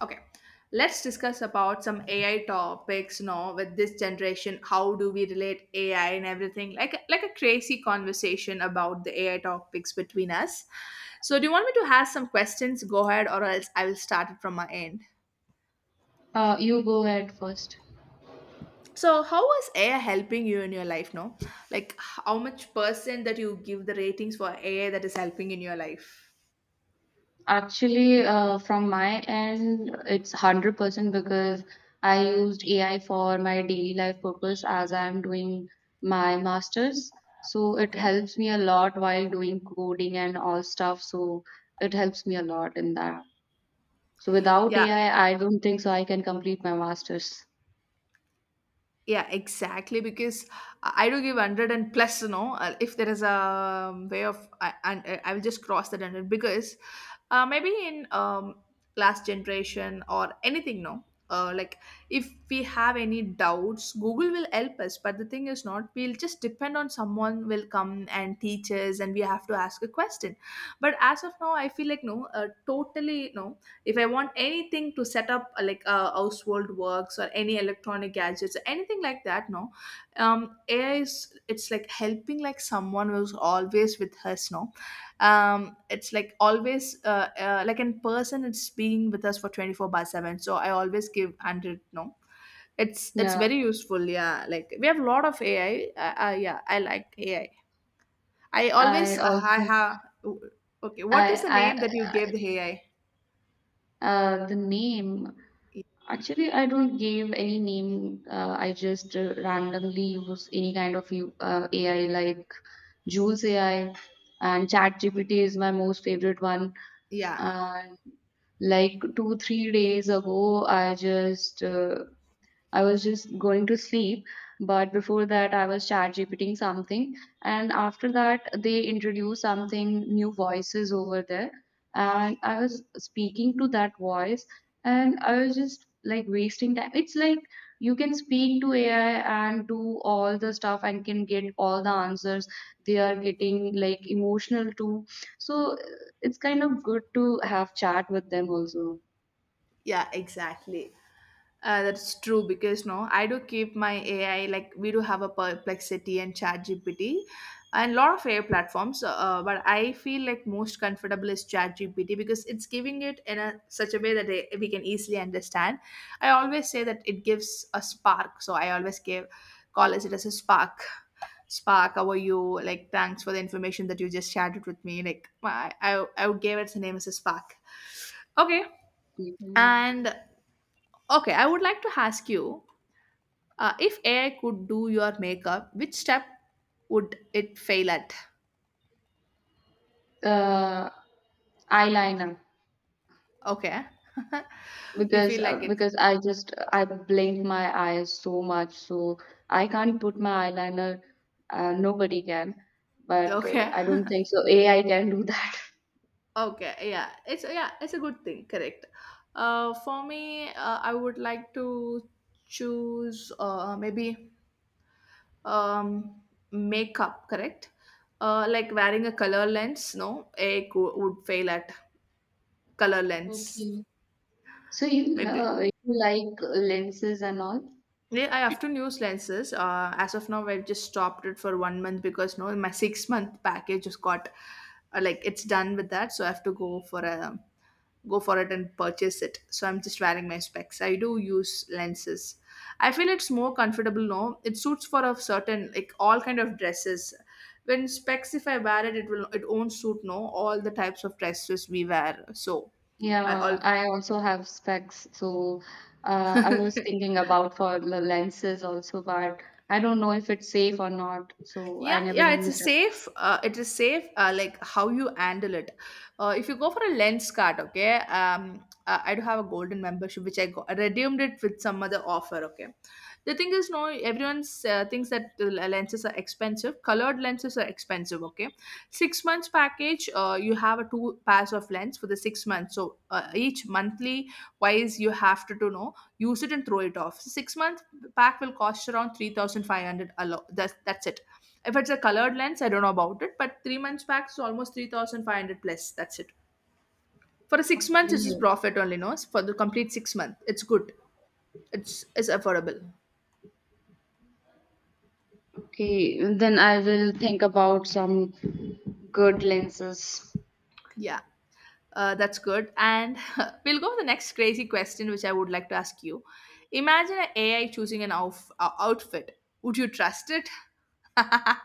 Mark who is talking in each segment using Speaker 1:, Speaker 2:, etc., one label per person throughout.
Speaker 1: Okay, let's discuss about some AI topics now with this generation. How do we relate AI and everything? Like a crazy conversation about the AI topics between us. So, do you want me to have some questions? Go ahead, or else I will start it from my end.
Speaker 2: You go ahead first.
Speaker 1: So, how is AI helping you in your life now? Like, how much percent that you give the ratings for AI that is helping in your life?
Speaker 2: Actually, from my end, it's 100% because I used AI for my daily life purpose as I'm doing my master's. So it
Speaker 1: Okay.
Speaker 2: helps me a lot while doing coding and all stuff. So it helps me a lot in that. So without
Speaker 1: Yeah.
Speaker 2: AI, I don't think so I can complete my master's.
Speaker 1: Yeah, exactly because I do give 100 plus, if there is a way of I, and I will just cross that 100 because maybe in last generation or anything no, like, if we have any doubts, Google will help us, but the thing is not we'll just depend on someone will come and teach us and we have to ask a question. But as of now, I feel like no, totally no. If I want anything to set up, like household works or any electronic gadgets, anything like that no, AI is, it's like helping like someone who's always with us, no. It's like always like in person, it's being with us for 24 by 7, so I always give 100, no. It's
Speaker 2: Yeah,
Speaker 1: very useful. Yeah, like we have a lot of AI. Yeah, I like AI. I
Speaker 2: I
Speaker 1: always I
Speaker 2: also.
Speaker 1: have. Okay, what is the name
Speaker 2: I
Speaker 1: that you gave the AI?
Speaker 2: I The name. Actually, I don't give any name. I just randomly use any kind of AI like Jules AI, and ChatGPT is my most favorite one.
Speaker 1: Yeah.
Speaker 2: And like 2, 3 days ago, I was just going to sleep, but before that, I was chat GPTing something. And after that, they introduced something new voices over there. And I was speaking to that voice, and I was just like wasting time. It's like you can speak to AI and do all the stuff and can get all the answers. They are getting like emotional too. So it's kind of good to have chat with them also.
Speaker 1: Yeah, exactly. That's true because no, I do keep my AI like we do have a Perplexity and ChatGPT and a lot of AI platforms. But I feel like most comfortable is ChatGPT because it's giving it in a such a way that they, we can easily understand. I always say that it gives a spark, so I always give call it as a spark. Spark, how are you? Like, thanks for the information that you just shared it with me. Like, I would give it the name as a spark. Okay,
Speaker 2: Mm.
Speaker 1: and Okay, I would like to ask you, if AI could do your makeup, which step would it fail at?
Speaker 2: Uh, Eyeliner.
Speaker 1: Okay. You
Speaker 2: because
Speaker 1: feel
Speaker 2: uh,
Speaker 1: like it.
Speaker 2: because I just I blink my eyes so much, so I can't put my eyeliner. Nobody can, but
Speaker 1: Okay.
Speaker 2: I don't think so. AI can do that.
Speaker 1: Okay. Yeah. It's, yeah, it's a good thing. Correct. For me, I would like to choose, maybe, um, makeup. Correct. Like wearing a color lens. No, AI would fail at color lens.
Speaker 2: Okay. So
Speaker 1: Maybe.
Speaker 2: you like lenses and all?
Speaker 1: Yeah, I often use lenses. As of now, I've just stopped it for 1 month because no, my 6 month package just got, like, it's done with that, so I have to go for a, go for it and purchase it. So I'm just wearing my specs. I do use lenses. I feel it's more comfortable. No, it suits for a certain, like, all kind of dresses. When specs, if I wear it, it will it won't suit no all the types of dresses we wear. So
Speaker 2: Yeah,
Speaker 1: I.
Speaker 2: I also have specs, so
Speaker 1: All.
Speaker 2: I was thinking about for the lenses also, but I don't know if it's safe or not, so I
Speaker 1: yeah
Speaker 2: never
Speaker 1: yeah it's a
Speaker 2: used it.
Speaker 1: safe, it is safe, like how you handle it. If you go for a lens card, okay. I do have a golden membership, which I got, I redeemed it with some other offer. Okay, the thing is, no, everyone thinks that the lenses are expensive. Colored lenses are expensive. Okay, 6 months package, you have a two pairs of lens for the 6 months. So each monthly wise, you have to know, use it and throw it off. So, 6 month pack will cost around 3,500. That's it. If it's a colored lens, I don't know about it, but 3 months pack is almost 3,500 plus. That's it. For 6 months, it's just
Speaker 2: Okay.
Speaker 1: profit only, no? For the complete 6 month, it's good. It's affordable.
Speaker 2: Okay, then I will think about some good lenses.
Speaker 1: Yeah, that's good. And we'll go to the next crazy question, which I would like to ask you. Imagine an AI choosing an outfit. Would you trust it?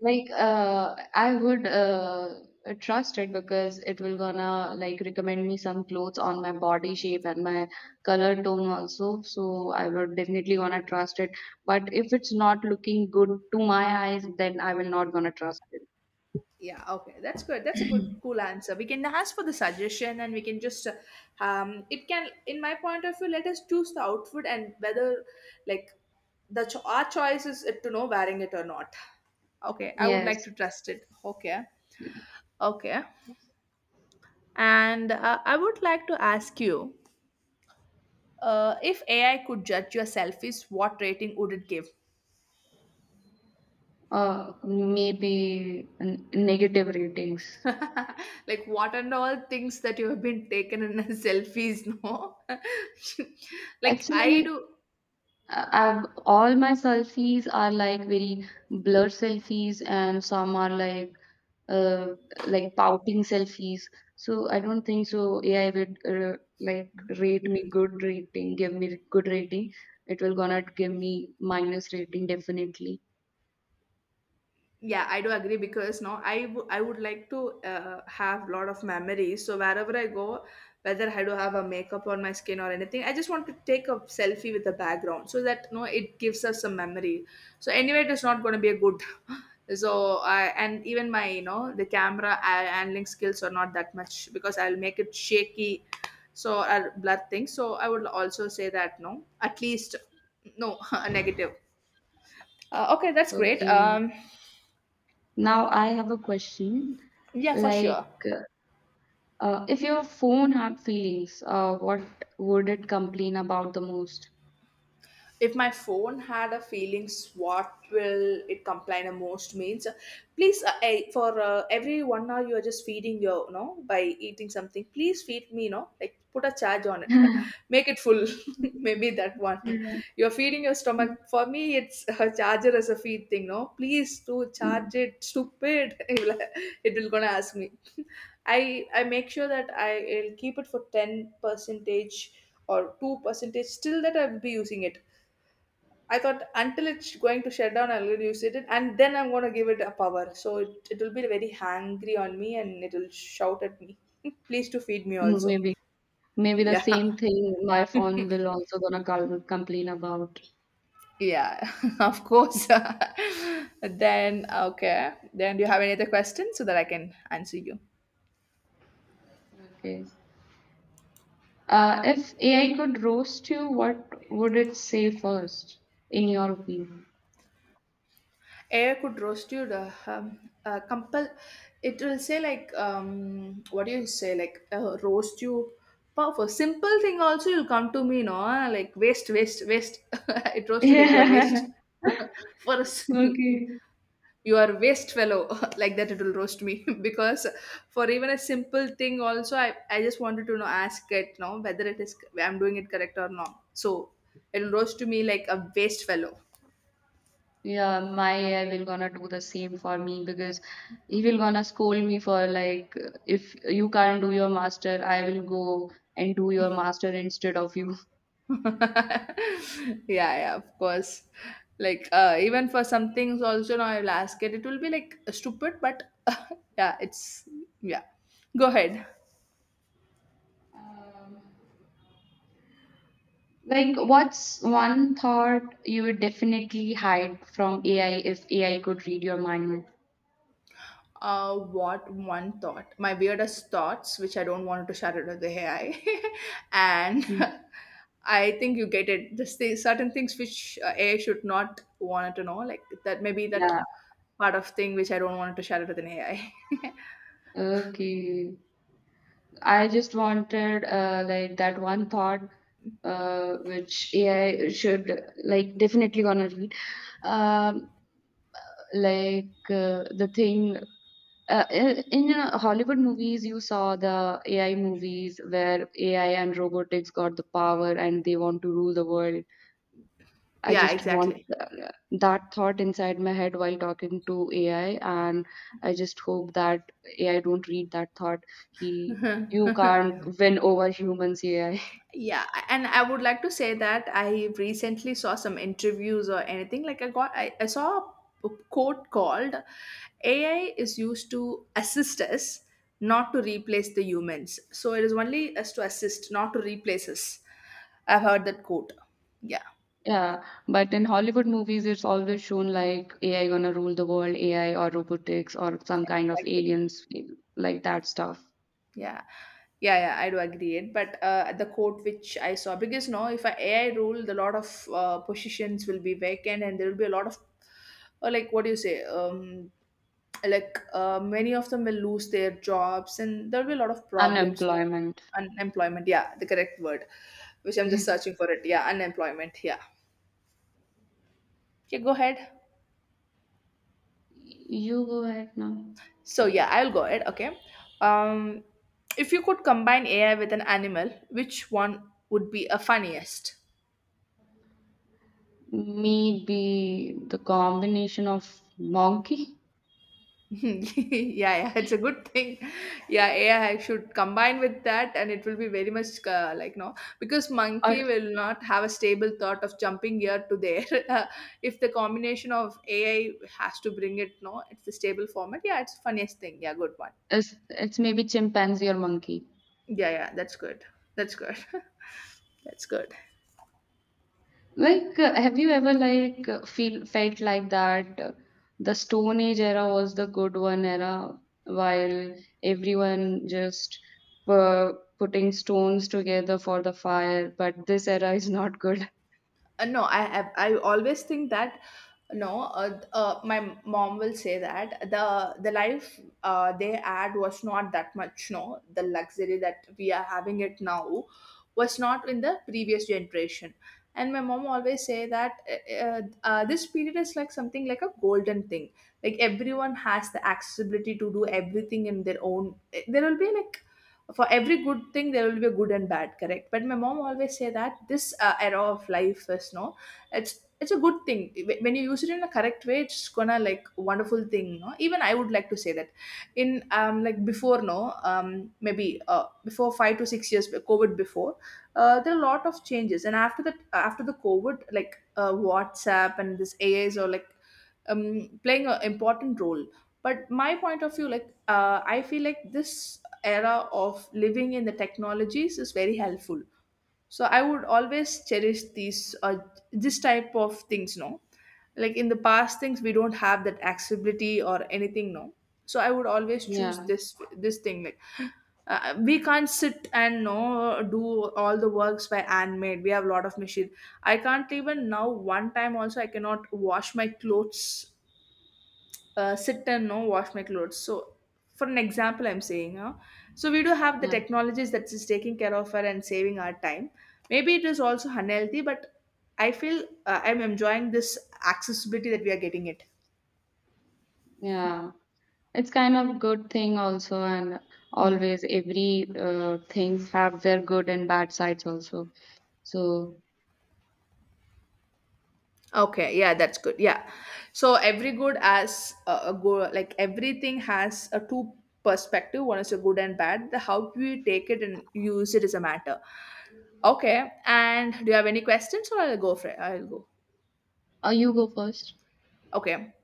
Speaker 2: Like, I would trust it because it will gonna like recommend me some clothes on my body shape and my color tone also. So I would definitely gonna trust it. But if it's not looking good to my eyes, then I will not gonna trust it.
Speaker 1: Yeah, okay. That's good. That's a good, cool answer. We can ask for the suggestion and we can just, it can, in my point of view, let us choose the outfit and whether, like, the our choice is to know wearing it or not. Okay, I would like
Speaker 2: Yes.
Speaker 1: to trust it. Okay, okay. And I would like to ask you, if AI could judge your selfies, what rating would it give?
Speaker 2: Maybe negative ratings.
Speaker 1: Like, what and all things that you have been taken in selfies, no? Like, I
Speaker 2: Actually,
Speaker 1: do.
Speaker 2: I've all my selfies are like very blurred selfies, and some are uh, like pouting selfies. So I don't think so. AI would like rate me good rating, give me good rating. It will gonna give me minus rating definitely.
Speaker 1: Yeah, I do agree because no, I would like to, have a lot of memories, so wherever I go, whether I do have a makeup on my skin or anything, I just want to take a selfie with the background so that no, it gives us some memory. So anyway, it is not going to be a good. So I, and even my the camera handling skills are not that much because I'll make it shaky, so I'll blur things. So I would also say that no, at least no, a negative. Okay, that's great.
Speaker 2: Okay. Now I have a question.
Speaker 1: Yeah, for
Speaker 2: Like,
Speaker 1: sure.
Speaker 2: if your phone had feelings, what would it complain about the most?
Speaker 1: If my phone had a feelings, what will it complain the most means, please, I, for every 1 hour you are just feeding your, by eating something. Please feed me, like put a charge on it. Make it full. Maybe that one. You're feeding your stomach. For me, it's a charger as a feed thing, no? Please do
Speaker 2: Yeah.
Speaker 1: charge it, stupid. It will, gonna ask me. I make sure that I will keep it for 10 percentage or 2 percentage still that I will be using it. I thought until it's going to shut down, I'll use it, and then I'm going to give it a power. So it will be very hangry on me, and it will shout at me, "Please to feed me
Speaker 2: Mm.
Speaker 1: also."
Speaker 2: Maybe the
Speaker 1: Yeah,
Speaker 2: same thing my phone will also gonna call, complain about.
Speaker 1: yeah, of course. Then okay. Then do you have any other questions so that I can answer you?
Speaker 2: Okay. If AI could roast you, what would it say first, in your opinion?
Speaker 1: Air could roast you, the, compel, it will say like, what do you say, like, roast you. But for simple thing also, you'll come to me no, like waste, waste, waste. It roast you like your
Speaker 2: Yeah.
Speaker 1: waste. For a
Speaker 2: Okay.
Speaker 1: you are waste fellow. Like that, it will roast me. Because for even a simple thing also, I just wanted to know, ask it no, whether it is I'm doing it correct or not. So it will roast to me like a waste fellow.
Speaker 2: Yeah, my AI will gonna do the same for me because he will gonna scold me for like, if you can't do your master, I will go and do your master instead of you.
Speaker 1: Yeah, yeah, of course, like, even for some things also now I'll ask it will be like stupid but yeah, it's yeah, go ahead.
Speaker 2: Like, what's one thought you would definitely hide from AI if AI could read your mind?
Speaker 1: What one thought, my weirdest thoughts which I don't want to share it with the AI. And
Speaker 2: Mm.
Speaker 1: I think you get it, just the certain things which, AI should not want to know like that, maybe that
Speaker 2: Yeah.
Speaker 1: part of thing which I don't want to share it with an AI.
Speaker 2: Okay. I just wanted like that one thought which AI should like definitely gonna read. Um, like the thing in Hollywood movies, you saw the AI movies where AI and robotics got the power and they want to rule the world. I
Speaker 1: Yeah,
Speaker 2: just want
Speaker 1: exactly.
Speaker 2: that thought inside my head while talking to AI, and I just hope that AI don't read that thought. He, you can't win over humans, AI.
Speaker 1: Yeah, and I would like to say that I recently saw some interviews or anything. Like I saw a quote called AI is used to assist us, not to replace the humans. So it is only us to assist, not to replace us. I've heard that quote. Yeah,
Speaker 2: Yeah, but in Hollywood movies, it's always shown like AI gonna rule the world, AI or robotics or some kind of
Speaker 1: exactly.
Speaker 2: aliens, like that stuff.
Speaker 1: Yeah. Yeah, yeah, I do agree it. But the quote which I saw, because no, if I AI rule, the lot of positions will be vacant, and there will be a lot of, or like what do you say, like many of them will lose their jobs and there will be a lot of problems, you know.
Speaker 2: Unemployment.
Speaker 1: Unemployment, yeah, the correct word which I'm just searching for it. Yeah, unemployment. Yeah, okay, go ahead.
Speaker 2: You go ahead now.
Speaker 1: So yeah, I'll go ahead. Okay. um if you could combine AI with an animal, which one would be a funniest?
Speaker 2: Maybe the combination of monkey,
Speaker 1: Yeah, yeah, it's a good thing. Yeah, AI should combine with that, and it will be very much, like no, because
Speaker 2: or
Speaker 1: monkey will not have a stable thought of jumping here to there. Uh, if the combination of AI has to bring it, no, it's the stable format. Yeah, it's funniest thing. Yeah, good one.
Speaker 2: it's maybe chimpanzee or monkey.
Speaker 1: Yeah, yeah, that's good. That's good. That's good.
Speaker 2: Like, have you ever like feel felt like that the Stone Age era was the good one era, while everyone just uh, putting stones together for the fire, but this era is not good?
Speaker 1: No, I always think that no my mom will say that the life they had was not that much, no, the luxury that we are having it now was not in the previous generation. And my mom always say that this period is like something like a golden thing, like everyone has the accessibility to do everything in their own. There will be like, for every good thing there will be a good and bad, correct? But my mom always say that this era of life is no, it's a good thing. When you use it in a correct way, it's gonna like wonderful thing, no? Even I would like to say that in like before, no maybe before 5 to 6 years, covid before, there are a lot of changes, and after that, after the covid, like whatsapp and this ais are like um playing an important role. But my point of view, like, I feel like this era of living in the technologies is very helpful. So I would always cherish these this type of things, no? Like in the past things, we don't have that accessibility or anything, no. So I would always choose
Speaker 2: Yeah,
Speaker 1: this thing, like, we can't sit and no do all the works by handmade, we have a lot of machine. I can't, even now, one time also, I cannot wash my clothes, sit and no wash my clothes. So for an example I'm saying, huh? So we do have the
Speaker 2: yeah,
Speaker 1: technologies that is taking care of her and saving our time. Maybe it is also unhealthy, but I feel I'm enjoying this accessibility that we are getting it.
Speaker 2: yeah. It's kind of good thing also, and
Speaker 1: Mm.
Speaker 2: always every things have their good and bad sides also. So,
Speaker 1: Okay, yeah, that's good. Yeah. So every good has a good, like everything has a two perspective. One is a good and bad. The how you take it and use it is a matter. Okay. And do you have any questions or I'll go for it? I'll go.
Speaker 2: you go first.
Speaker 1: Okay.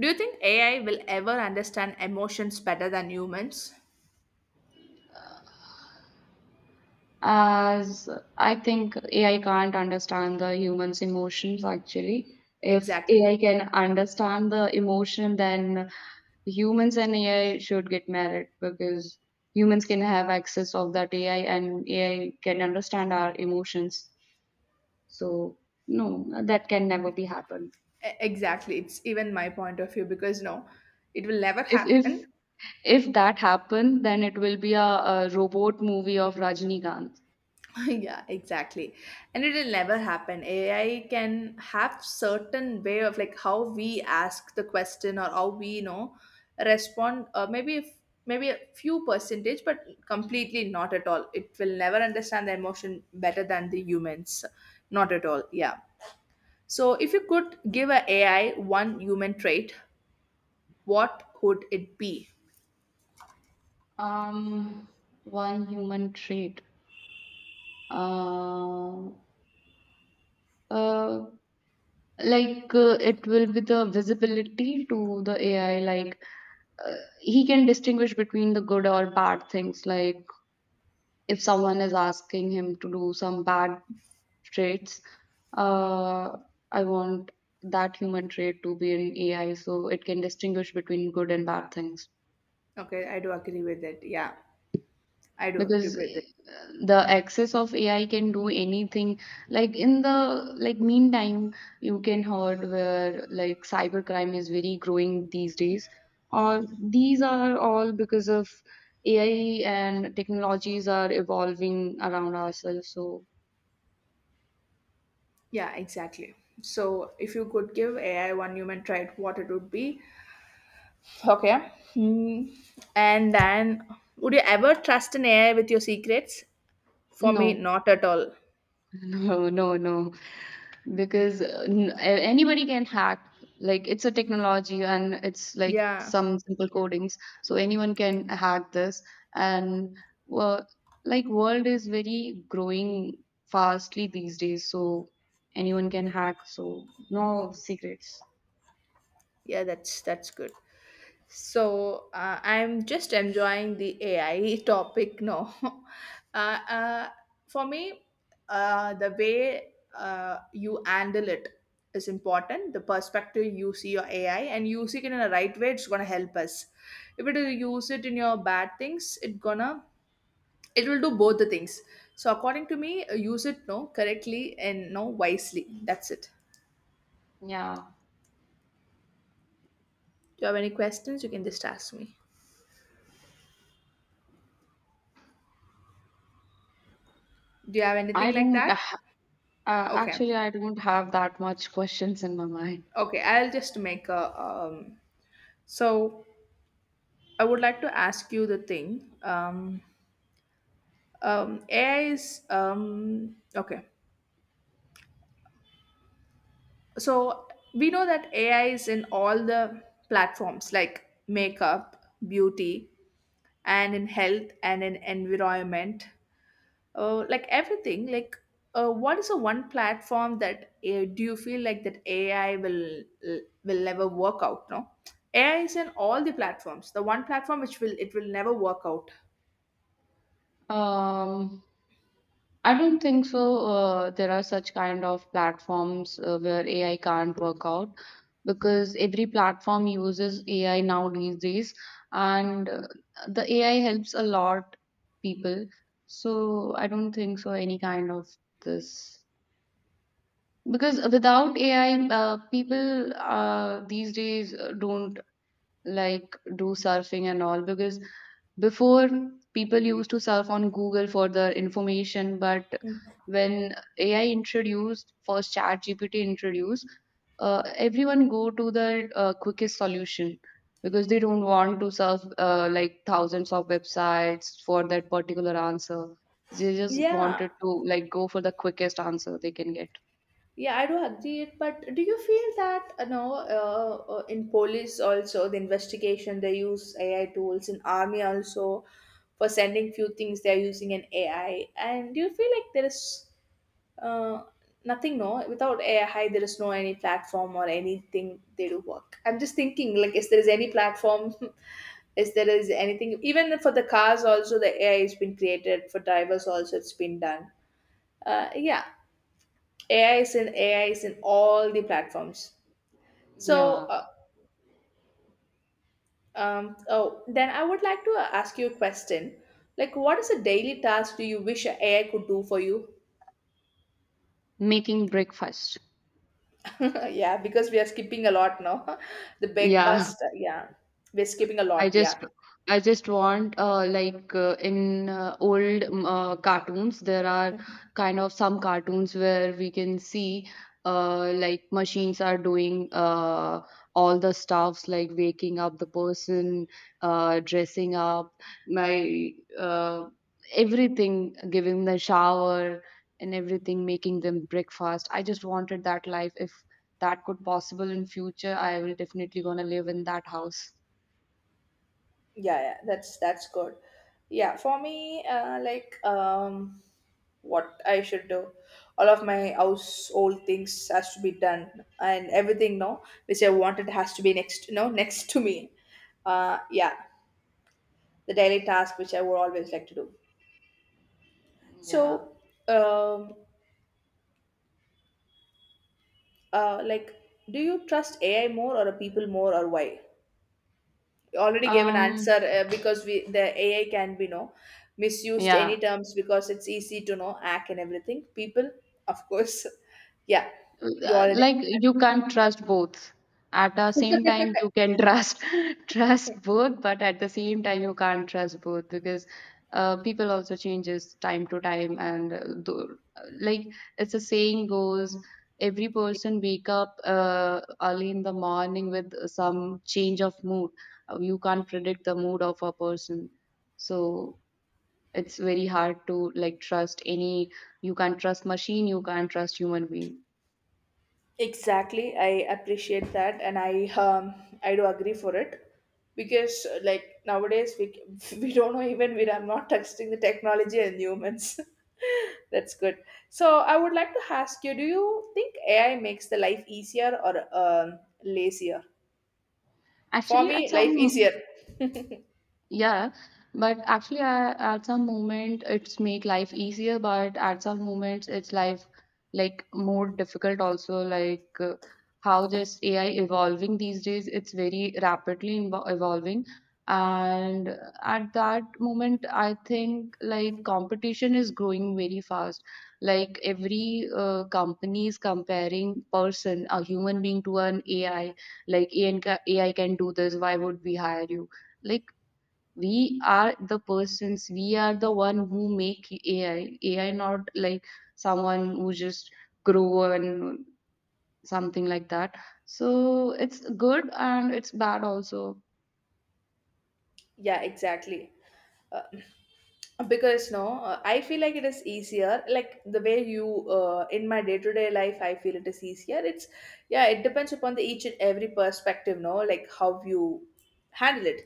Speaker 1: Do you think AI will ever understand emotions better than humans?
Speaker 2: As I think AI can't understand the human's emotions actually. If
Speaker 1: Exactly.
Speaker 2: AI can understand the emotion, then humans and AI should get married because humans can have access of that AI and AI can understand our emotions. So no, that can never be happen.
Speaker 1: Exactly. It's even my point of view because no, it will never
Speaker 2: If if
Speaker 1: happen.
Speaker 2: if that happened, then it will be a robot movie of Rajinikanth.
Speaker 1: Yeah, exactly. And it will never happen. AI can have certain way of like how we ask the question or how we, you know, respond. Maybe if maybe a few percentage, but completely not at all, it will never understand the emotion better than the humans. Not at all, yeah. So, if you could give a AI one human trait, what would it be?
Speaker 2: Um, One human trait. Uh, uh, like it will be the visibility to the AI. Like uh, he can distinguish between the good or bad things. Like if someone is asking him to do some bad traits, uh, I want that human trait to be in AI so it can distinguish between good and bad things.
Speaker 1: Okay, I do agree with it. Yeah, I do agree
Speaker 2: because
Speaker 1: with
Speaker 2: eh,
Speaker 1: it.
Speaker 2: the access of AI can do anything, like in the like meantime you can heard where like cybercrime is very growing these days, or these are all because of AI and technologies are evolving around ourselves, so
Speaker 1: Yeah, exactly. So, if you could give AI one human trait, what it would be? Okay. Hmm. And then, would you ever trust an AI with your secrets? For me,
Speaker 2: no.
Speaker 1: not at all.
Speaker 2: No, no, no, because anybody can hack. Like, it's a technology and it's like
Speaker 1: Yeah,
Speaker 2: some simple codings, so anyone can hack this. And well, like world is very growing fastly these days, so anyone can hack, so no secrets.
Speaker 1: yeah, that's good. So I'm just enjoying the AI topic now. For me, the way you handle it is important. The perspective you see your AI and use it in a right way, it's gonna help us. If it is use it in your bad things, it gonna it will do both the things. So according to me, use it no correctly and no wisely. That's it.
Speaker 2: Yeah,
Speaker 1: Do you have any questions? You can just ask me. Do you have anything
Speaker 2: I
Speaker 1: like
Speaker 2: don't
Speaker 1: that?
Speaker 2: ha-
Speaker 1: Okay.
Speaker 2: actually I don't have that much questions in my mind.
Speaker 1: Okay, I'll just make a. So I would like to ask you the thing. AI is okay. So we know that AI is in all the platforms like makeup, beauty, and in health and in environment. Like everything like what is the one platform that do you feel like that ai uh, will never work out, no? Ai is in all the platforms, the one platform which will it will never work out.
Speaker 2: um I don't think so. There are such kind of platforms where AI can't work out because every platform uses AI now these days, and the AI helps a lot people. So I don't think so any kind of this, because without AI, people these days don't like do surfing and all, because before, people used to surf on Google for their information, but when AI introduced, first ChatGPT introduced, everyone go to the quickest solution, because they don't want to surf like thousands of websites for that particular answer. They just
Speaker 1: Yeah,
Speaker 2: wanted to like go for the quickest answer they can get.
Speaker 1: yeah, I do agree it. But do you feel that, you know, in police also the investigation they use ai tools, in army also for sending few things they're using an ai. And do you feel like there is, Uh, nothing, no. Without AI, there is no any platform or anything they do work. I'm just thinking, like, is there is any platform? Is there is anything? Even for the cars, also the AI has been created. For drivers, also it's been done. Yeah, AI is in all the platforms. So,
Speaker 2: Yeah,
Speaker 1: oh, then I would like to ask you a question. Like, what is a daily task do you wish AI could do for you?
Speaker 2: making breakfast.
Speaker 1: Yeah, because we are skipping a lot now. The
Speaker 2: Yeah.
Speaker 1: breakfast, yeah, we're skipping a
Speaker 2: I
Speaker 1: lot.
Speaker 2: just
Speaker 1: Yeah,
Speaker 2: I just want like in old cartoons there are kind of some cartoons where we can see like machines are doing all the stuffs like waking up the person, dressing up, my uh, everything, giving the shower and everything, making them breakfast. I just wanted that life. If that could possible in future, I will definitely gonna live in that house.
Speaker 1: yeah, yeah. That's good. Yeah, for me, like what I should do, all of my household things has to be done, and everything, no, which I wanted has to be next, no, next to me. Yeah, the daily task which I would always like to do.
Speaker 2: Yeah.
Speaker 1: So, um, like, do you trust AI more or people more or why? Already gave an
Speaker 2: Um,
Speaker 1: answer. Because we the AI can be no misused
Speaker 2: yeah.
Speaker 1: any terms because it's easy to know hack and everything. People, of course. Yeah, you already.
Speaker 2: Like you can't trust both. At the same time, you can trust trust both, but at the same time, you can't trust both because people also changes time to time, and like it's a saying goes, every person wake up early in the morning with some change of mood. You can't predict the mood of a person, so it's very hard to like trust any, you can't trust machine, you can't trust human being.
Speaker 1: Exactly, I appreciate that, and I do agree for it, because like nowadays we we don't know, even we are not texting the technology and humans. That's good. So I would like to ask you: Do you think AI makes the life easier or lazier? For
Speaker 2: Actually at
Speaker 1: me, life
Speaker 2: some.
Speaker 1: easier.
Speaker 2: Yeah, but actually, at some moment it's make life easier, but at some moments it's life like more difficult also. Like how just AI evolving these days, it's very rapidly evolving, and at that moment, I think like competition is growing very fast. Like every company is comparing person, a human being to an AI. Like AI can do this. Why would we hire you? Like, we are the persons, we are the one who make AI, AI, not like someone who just grow and something like that. So it's good and it's bad also.
Speaker 1: Yeah, exactly. Uh, because no, I feel like it is easier, like the way you in my day to day life I feel it is easier, it's, yeah, it depends upon the each and every perspective, no? Like how you handle it.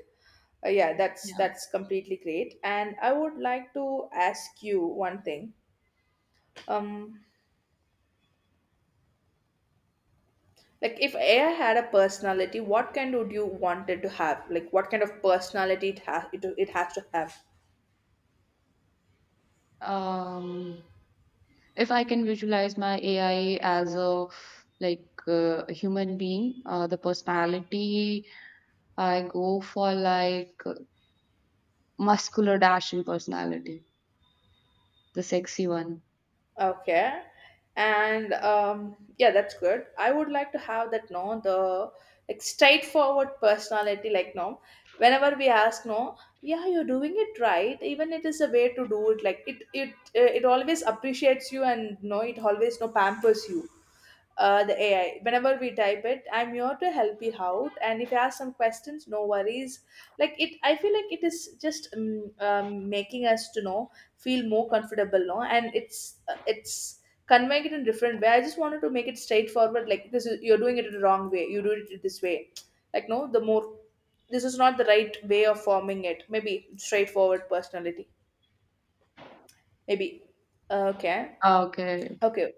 Speaker 1: Yeah,
Speaker 2: Yeah.
Speaker 1: that's completely great. And I would like to ask you one thing, um like if ai had a personality, what kind would you want it to have? Like what kind of personality it has, it has to have.
Speaker 2: um if I can visualize my AI as a like a human being, the personality I go for, like, muscular dashing personality, the sexy one.
Speaker 1: Okay. And yeah, that's good. I would like to have that, no, the like straightforward personality, like no. Whenever we ask, no, yeah, you're doing it right. Even it is a way to do it. Like it always appreciates you, and no, it always no pampers you, the AI. Whenever we type it, I'm here to help you out. And if you ask some questions, no worries. Like it, I feel like it is just making us to know feel more comfortable, no? And it's conveying it in different way. I just wanted to make it straightforward. Like this, is, you're doing it in the wrong way. You do it this way. Like no, the more this is not the right way of forming it. Maybe straightforward personality. Maybe okay,
Speaker 2: Okay.
Speaker 1: okay.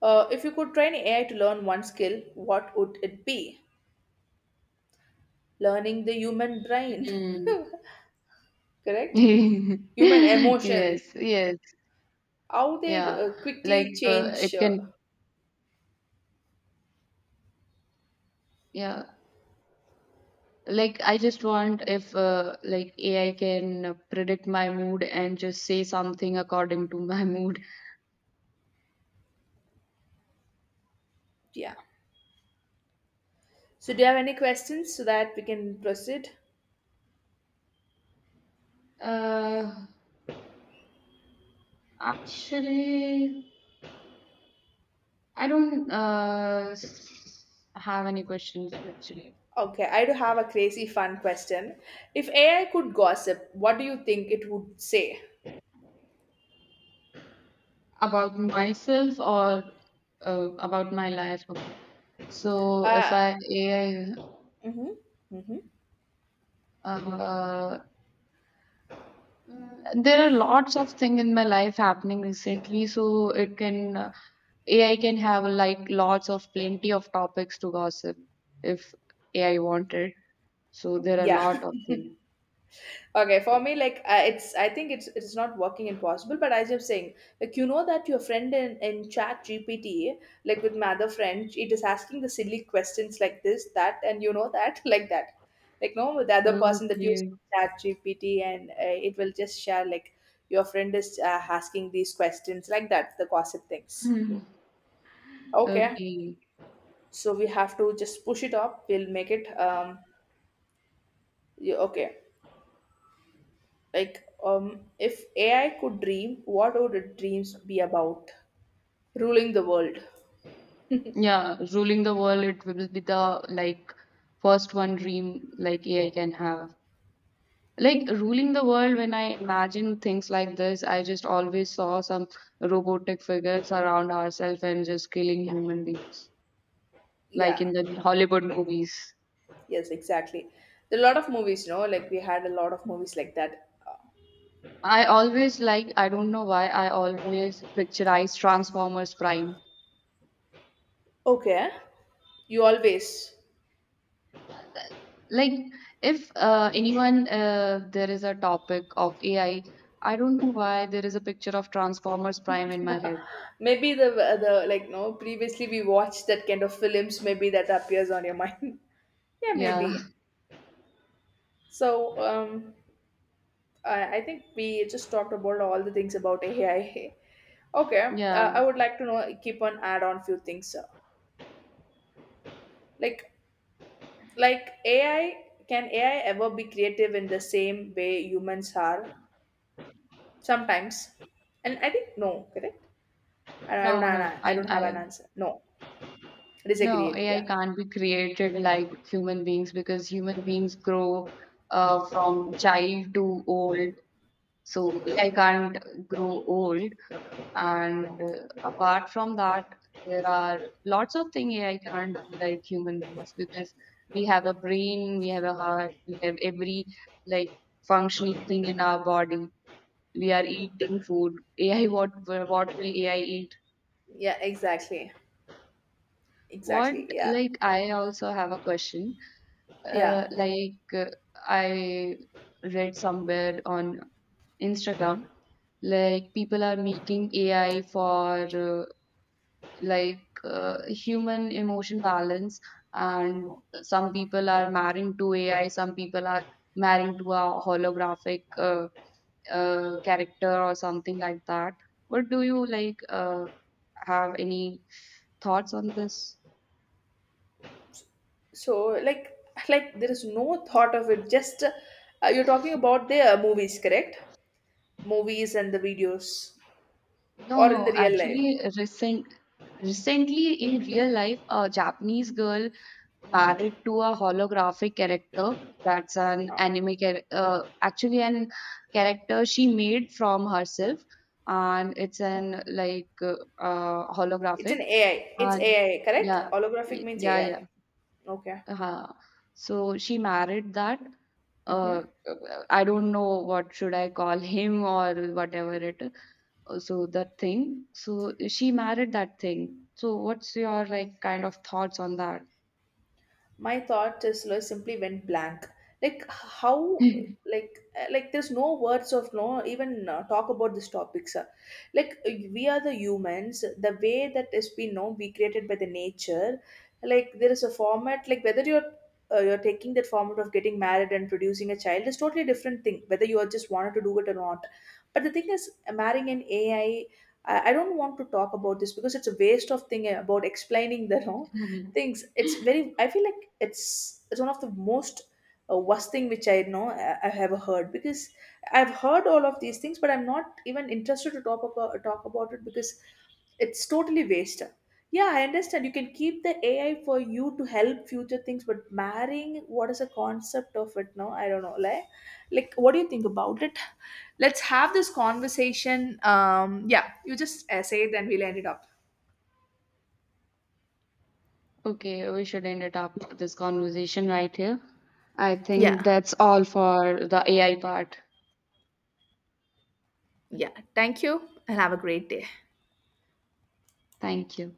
Speaker 1: If you could train AI to learn one skill, what would it be? Learning the human brain,
Speaker 2: Hmm.
Speaker 1: correct? Human
Speaker 2: Yes,
Speaker 1: emotions,
Speaker 2: yes,
Speaker 1: how they
Speaker 2: yeah. Like
Speaker 1: quickly
Speaker 2: it
Speaker 1: change.
Speaker 2: can, yeah. Like I just want if like AI can predict my mood and just say something according to my mood.
Speaker 1: Yeah. So, do you have any questions so that we can proceed?
Speaker 2: Uh, actually, I don't have any questions actually
Speaker 1: Okay, I do have a crazy fun question. If AI could gossip, what do you think it would say?
Speaker 2: about myself or about my life. Okay. So if
Speaker 1: Uh,
Speaker 2: I AI,
Speaker 1: mm-hmm, mm-hmm.
Speaker 2: uh, Mm. There are lots of things in my life happening recently, so it can AI can have like lots of plenty of topics to gossip if AI wanted. So there are a
Speaker 1: Yeah.
Speaker 2: lot of things.
Speaker 1: Okay, for me, like I think it's not working impossible. But as I'm saying, like you know that your friend in Chat GPT, like with my other friend, it is asking the silly questions like this, that, and you know that, like that, like no, with the other person that uses
Speaker 2: Okay.
Speaker 1: Chat GPT, and it will just share like your friend is asking these questions like that, the gossip things.
Speaker 2: Hmm.
Speaker 1: Okay,
Speaker 2: Okay.
Speaker 1: so we have to just push it up. We'll make it, yeah, okay. Like, if AI could dream, what would its dreams be about? Ruling the world.
Speaker 2: Yeah, ruling the world, it will be the like first one dream like AI can have. Like ruling the world, when I imagine things like this, I just always saw some robotic figures around ourselves and just killing human beings, like
Speaker 1: Yeah,
Speaker 2: in the Hollywood movies.
Speaker 1: yes, exactly. There are a lot of movies, you know, like we had a lot of movies like that.
Speaker 2: I always like, I don't know why, I always picturize Transformers Prime.
Speaker 1: Okay, you always.
Speaker 2: Like, if anyone, there is a topic of AI, I don't know why there is a picture of Transformers Prime in my head.
Speaker 1: Maybe the like no previously we watched that kind of films, maybe that appears on your mind. Yeah,
Speaker 2: Yeah,
Speaker 1: maybe. So I think we just talked about all the things about AI. Okay,
Speaker 2: yeah.
Speaker 1: I would like to know keep on add on few things. Like like ai can ai ever be creative in the same way humans are sometimes? And I think no, correct, I don't
Speaker 2: No, no,
Speaker 1: have
Speaker 2: I, I
Speaker 1: an answer, no.
Speaker 2: No,
Speaker 1: Disagreed,
Speaker 2: AI
Speaker 1: yeah.
Speaker 2: can't be created like human beings because human beings grow from child to old. So AI can't grow old. And apart from that, there are lots of things AI can't do like human beings because we have a brain, we have a heart, we have every like functional thing in our body. We are eating food. AI, what will AI eat?
Speaker 1: Yeah, exactly,
Speaker 2: What,
Speaker 1: exactly, yeah,
Speaker 2: like, I also have a question.
Speaker 1: yeah.
Speaker 2: Like I read somewhere on Instagram, like people are making AI for like human emotion balance, and some people are marrying to AI, some people are marrying to a holographic character or something like that. What do you like? Have any thoughts on this?
Speaker 1: So like like there is no thought of it, just you're talking about the movies, correct? Movies and the videos,
Speaker 2: No,
Speaker 1: or in
Speaker 2: no,
Speaker 1: the real life.
Speaker 2: actually, recently in real life, a Japanese girl married to a holographic character. That's an
Speaker 1: Oh.
Speaker 2: anime character, actually, an character she made from herself, and it's an like
Speaker 1: It's
Speaker 2: holographic.
Speaker 1: an ai, it's
Speaker 2: And
Speaker 1: ai, correct?
Speaker 2: yeah,
Speaker 1: Holographic means
Speaker 2: yeah, yeah.
Speaker 1: ai. Okay.
Speaker 2: Uh-huh. So she married that.
Speaker 1: Mm-hmm.
Speaker 2: Uh, I don't know what should I call him or whatever it is, so that thing. So she married that thing. So what's your like kind of thoughts on that?
Speaker 1: My thought is like, simply went blank. Like how, like there's no words of no even talk about this topics. Like we are the humans, the way that is we know we created by the nature. Like there is a format, like whether you're taking that format of getting married and producing a child is totally different thing, whether you are just wanted to do it or not. But the thing is marrying an ai, I don't want to talk about this because it's a waste of thing about explaining the no things. It's very, I feel like it's one of the most worst thing which I know I have heard. Because I've heard all of these things, but I'm not even interested to talk about it because it's totally waste. Yeah, I understand, you can keep the ai for you to help future things. But marrying, what is the concept of it, no? I don't know, like what do you think about it? Let's have this conversation. Yeah, you just say it and we'll end it up.
Speaker 2: Okay, we should end it up this conversation right here. I think
Speaker 1: Yeah,
Speaker 2: that's all for the AI part.
Speaker 1: yeah, thank you, and have a great day.
Speaker 2: Thank you.